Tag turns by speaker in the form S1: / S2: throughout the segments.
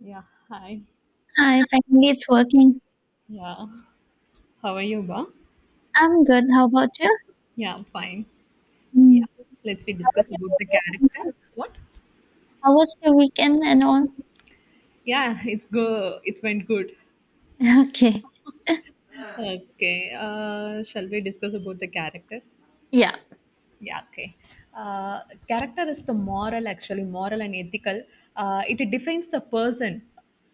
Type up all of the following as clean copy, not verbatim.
S1: Yeah, hi.
S2: Hi, finally it's working.
S1: Yeah, how are you, Ba?
S2: I'm good. How about you?
S1: Yeah, fine. Yeah,
S2: Mm.
S1: let's we
S2: How
S1: discuss
S2: was your
S1: about the
S2: weekend? And all?
S1: character. What?
S2: How was your weekend and all?
S1: Yeah, it's go. It went good.
S2: Okay.
S1: Okay. Shall we discuss about the character?
S2: Yeah.
S1: Yeah, okay. Uh, character is the moral, actually, moral and ethical. It defines the person.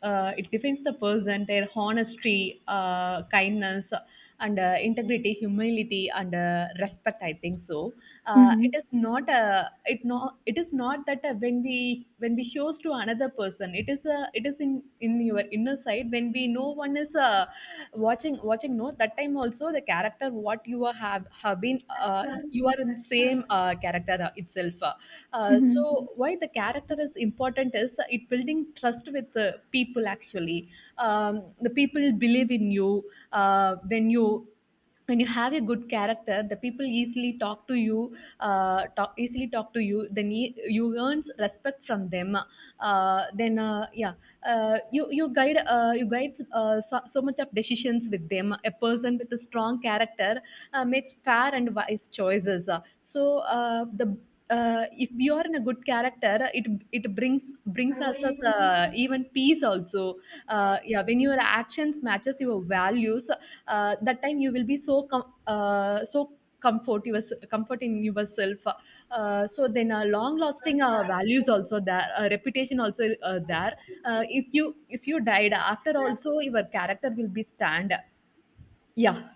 S1: It defines the person, their honesty, kindness, and integrity, humility, and respect. I think so. It
S2: Mm-hmm.
S1: is not a. It no. It is not that when we shows to another person, it is a. It is in your inner side when we no one is watching. No, that time also the character what you are have been uh, you are in same character itself, uh,
S2: Mm-hmm.
S1: so why the character is important is, it building trust with the people actually. um, the people believe in you when you when you have a good character. The people easily talk to you, easily talk to you, then you earn respect from them, then yeah you you guide, so much of decisions with them. A person with a strong character makes fair and wise choices. So the If we are in a good character, it brings us as, even peace also. Yeah, when your actions matches your values, that time you will be so comfort yours comfort in yourself. So long lasting values also there, reputation also there. Uh, if you if you died after also, your character will be stand. Yeah,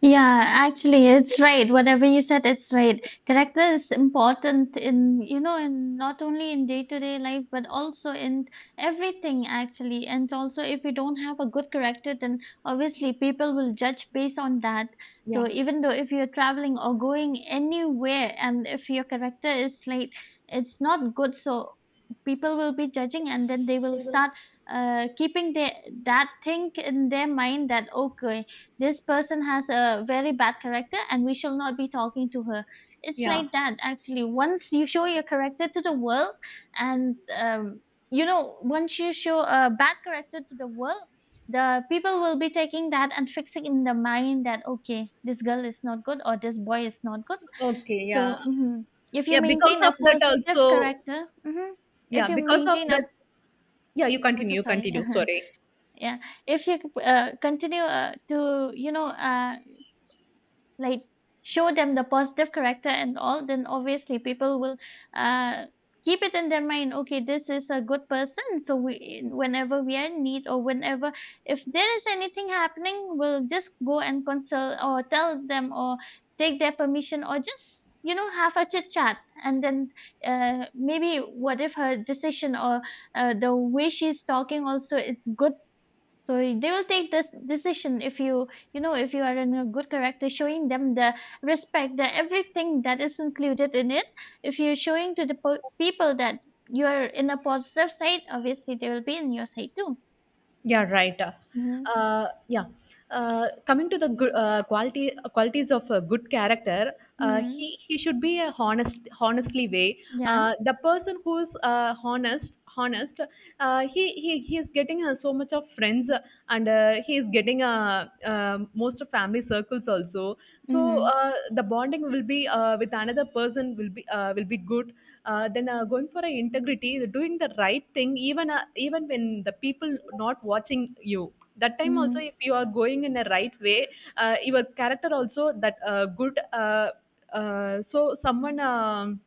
S2: Yeah, actually, it's right. Whatever you said, it's right. Character is important in, you know, in not only in day-to-day life, but also in everything, actually. And also, if you don't have a good character, then obviously people will judge based on that. So
S1: yeah.
S2: even though if you're traveling or going anywhere, and if your character is like, it's not good, so people will be judging, and then they will start keeping their, that thing in their mind that, okay, this person has a very bad character and we shall not be talking to her. It's like
S1: Yeah.
S2: that actually. Once you show your character to the world and you know, once you show a bad character to the world, the people will be taking that and fixing in the mind that, okay, this girl is not good or this boy is not good.
S1: Okay. Yeah.
S2: So mhm. If you
S1: Yeah. Because
S2: maintain a
S1: of that,
S2: positive
S1: also.
S2: character, mhm, if
S1: Yeah.
S2: you
S1: Because of
S2: maintain a
S1: that. Yeah. You
S2: I'm so
S1: continue. You
S2: sorry
S1: continue. Sorry.
S2: yeah, if you continue to, you know, like show them the positive character and all, then obviously people will uh keep it in their mind, okay, this is a good person, so we, whenever we are in need or whenever, if there is anything happening, we'll just go and consult or tell them or take their permission or just, you know, have a chit chat and then maybe what if her decision or the way she's talking also it's good, so they will take this decision. If you, you know, if you are in a good character, showing them the respect, the everything that is included in it. If you're showing to the po- people that you're in a positive side, obviously they will be in your side too.
S1: Yeah, right.
S2: Mm-hmm.
S1: Uh, yeah. Coming to the good, quality qualities of a good character, uh, he
S2: Mm-hmm.
S1: he should be a honest, honestly way.
S2: Yeah.
S1: The person who's honest, he he is getting so much of friends, and he is getting most of family circles also. So,
S2: Mm-hmm.
S1: the bonding will be, with another person will be, will be good. Then Going for a integrity, doing the right thing, even even when the people not watching you, that time also
S2: Mm-hmm.
S1: if you are going in a right way, your character also that good so someone.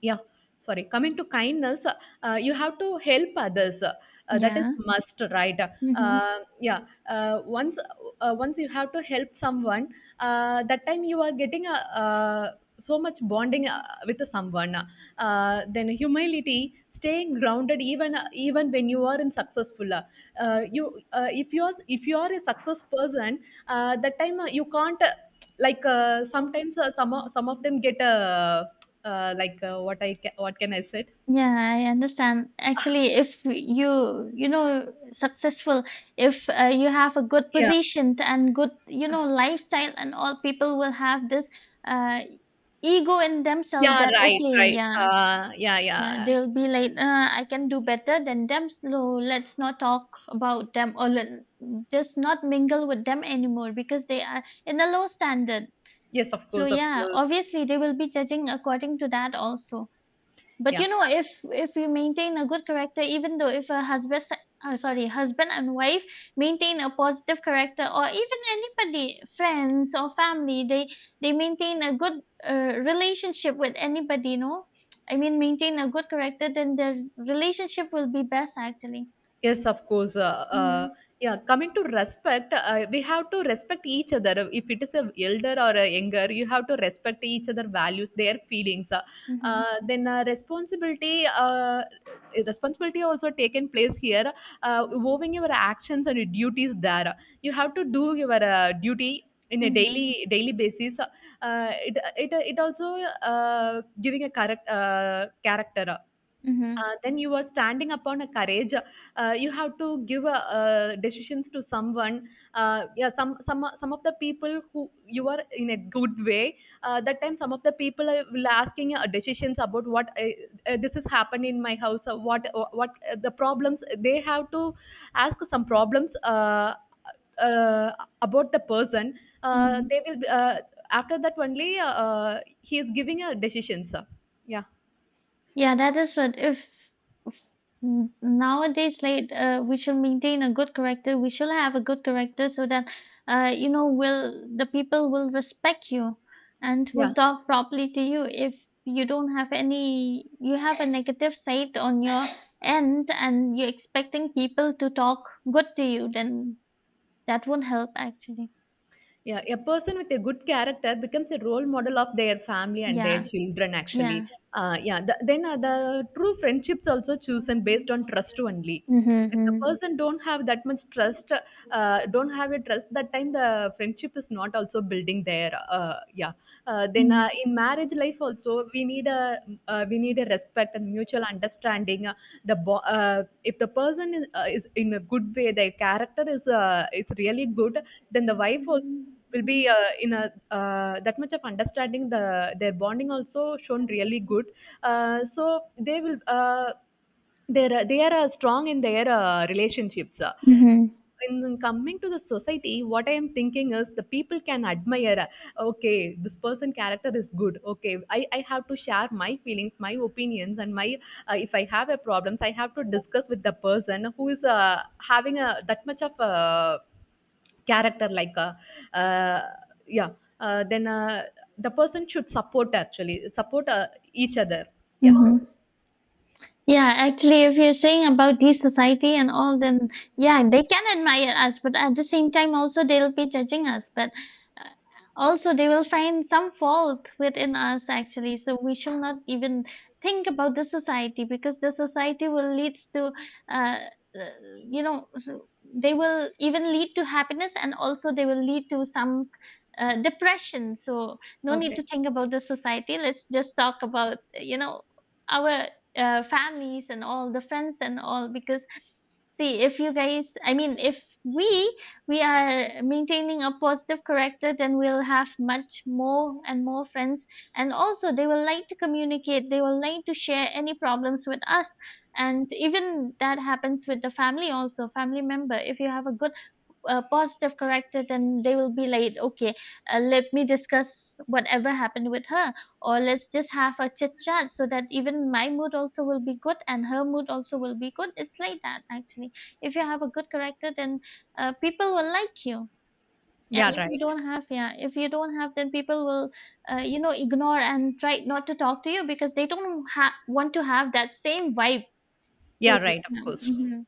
S1: Yeah sorry coming to kindness, you have to help others, that is
S2: Yeah.
S1: must, right?
S2: Mm-hmm.
S1: uh, yeah uh, once Once you have to help someone, that time you are getting a, so much bonding with someone. Then humility, staying grounded, even when you are in successful, you if you are a success person, that time you can't, sometimes some of them get, what can I say?
S2: Yeah, I understand. Actually, if you, you know, successful, if you have a good
S1: Yeah,
S2: position and good, you know, lifestyle and all, people will have this uh, ego in themselves
S1: yeah,
S2: that,
S1: right,
S2: okay,
S1: right.
S2: yeah, yeah,
S1: Yeah.
S2: they'll be like, I can do better than them, so let's not talk about them or let, just not mingle with them anymore because they are in a low standard.
S1: Yes, of
S2: So,
S1: course, of
S2: yeah,
S1: course.
S2: obviously they will be judging according to that also. But
S1: Yeah.
S2: you know, if we maintain a good character, even though if a husband, sorry, husband and wife maintain a positive character, or even anybody, friends or family, they maintain a good relationship with anybody. You know, I mean, maintain a good character, then their relationship will be best actually.
S1: Yes, of course.
S2: Mm-hmm.
S1: Yeah, coming to respect, we have to respect each other. If it is a elder or a younger, you have to respect each other values, their feelings.
S2: Mm-hmm.
S1: Then Responsibility, responsibility also taken place here. Owing your actions and your duties there, you have to do your duty in a
S2: Mm-hmm.
S1: daily basis. It also giving a correct character.
S2: Mm-hmm.
S1: Then you are standing upon a courage. You have to give a, decisions to someone. Yeah, some of the people who you are in a good way. That time, some of the people will asking decisions about what, this has happened in my house. What the problems they have to ask, some problems. Uh, about the person.
S2: Mm-hmm.
S1: They will, after that only, he is giving a decision. Sir. Yeah.
S2: Yeah, that is what if. N- Nowadays, like we should maintain a good character. We should have a good character so that you know will the people will respect you and will
S1: Yeah.
S2: talk properly to you. If you don't have any, you have a negative side on your end, and you're expecting people to talk good to you, then that won't help actually.
S1: Yeah, a person with a good character becomes a role model of their family and their
S2: Yeah,
S1: children, actually.
S2: yeah.
S1: Yeah, the true friendships also chosen based on trust only.
S2: Mm-hmm.
S1: If the
S2: Mm-hmm.
S1: person don't have that much trust, don't have a trust, that time the friendship is not also building there. Yeah. Then
S2: Мгм.
S1: In marriage life also, we need a, we need a respect and mutual understanding. If the person is in a good way, their character is, is really good, then the wife also will
S2: Мгм.
S1: be in a, that much of understanding. The their bonding also shown really good, so they will, they are strong in their relationships. In coming to the society, what I am thinking is the people can admire, okay, this person character is good. I have to share my feelings, my opinions, and my, if I have a problems, I have to discuss with the person who is, having a that much of a character, like a uh, yeah then the person should support, actually support, each other. Yeah,
S2: Мгм. Yeah, actually, if you're saying about this society and all, then yeah, they can admire us, but at the same time, also they'll be judging us. But uh, also, they will find some fault within us, actually. So we should not even think about the society because the society will lead to, uh, uh, you know, so they will even lead to happiness and also they will lead to some depression. So no need to
S1: okay.
S2: think about the society. Let's just talk about, you know, our families and all the friends and all because, see, if you guys, I mean, if we are maintaining a positive character, then we'll have much more and more friends, and also they will like to communicate, they will like to share any problems with us. And even that happens with the family also. Family member, if you have a good positive corrected, and they will be like, okay, let me discuss whatever happened with her or let's just have a chit chat so that even my mood also will be good and her mood also will be good. It's like that actually. If you have a good character, then people will like you. And
S1: Yeah,
S2: if you
S1: right.
S2: don't have, yeah, if you don't have, then people will you know, ignore and try not to talk to you because they don't ha- want to have that same vibe. So
S1: Yeah, right, of
S2: yeah.
S1: course.
S2: Mhm.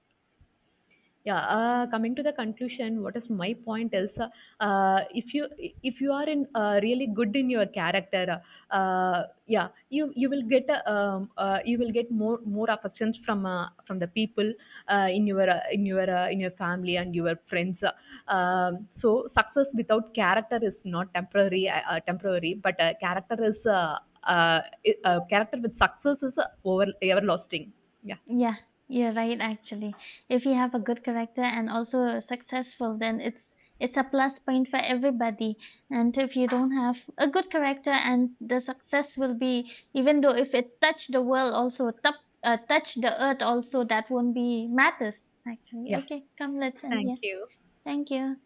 S1: Yeah, coming to the conclusion, what is my point is, uh, if you if you are in, really good in your character, uh, uh, yeah, you will get, you will get more affections from, from the people in your family and your friends. So success without character is not temporary, temporary, but character is, uh, character with success is, over everlasting. Yeah,
S2: Yeah, you're right actually. If you have a good character and also successful, then it's a plus point for everybody. And if you don't have a good character and the success will be, even though if it touch the world also top, touch the earth also, that won't be matters actually.
S1: yeah.
S2: Okay, come, let's end
S1: Thank
S2: here.
S1: you.
S2: Thank you.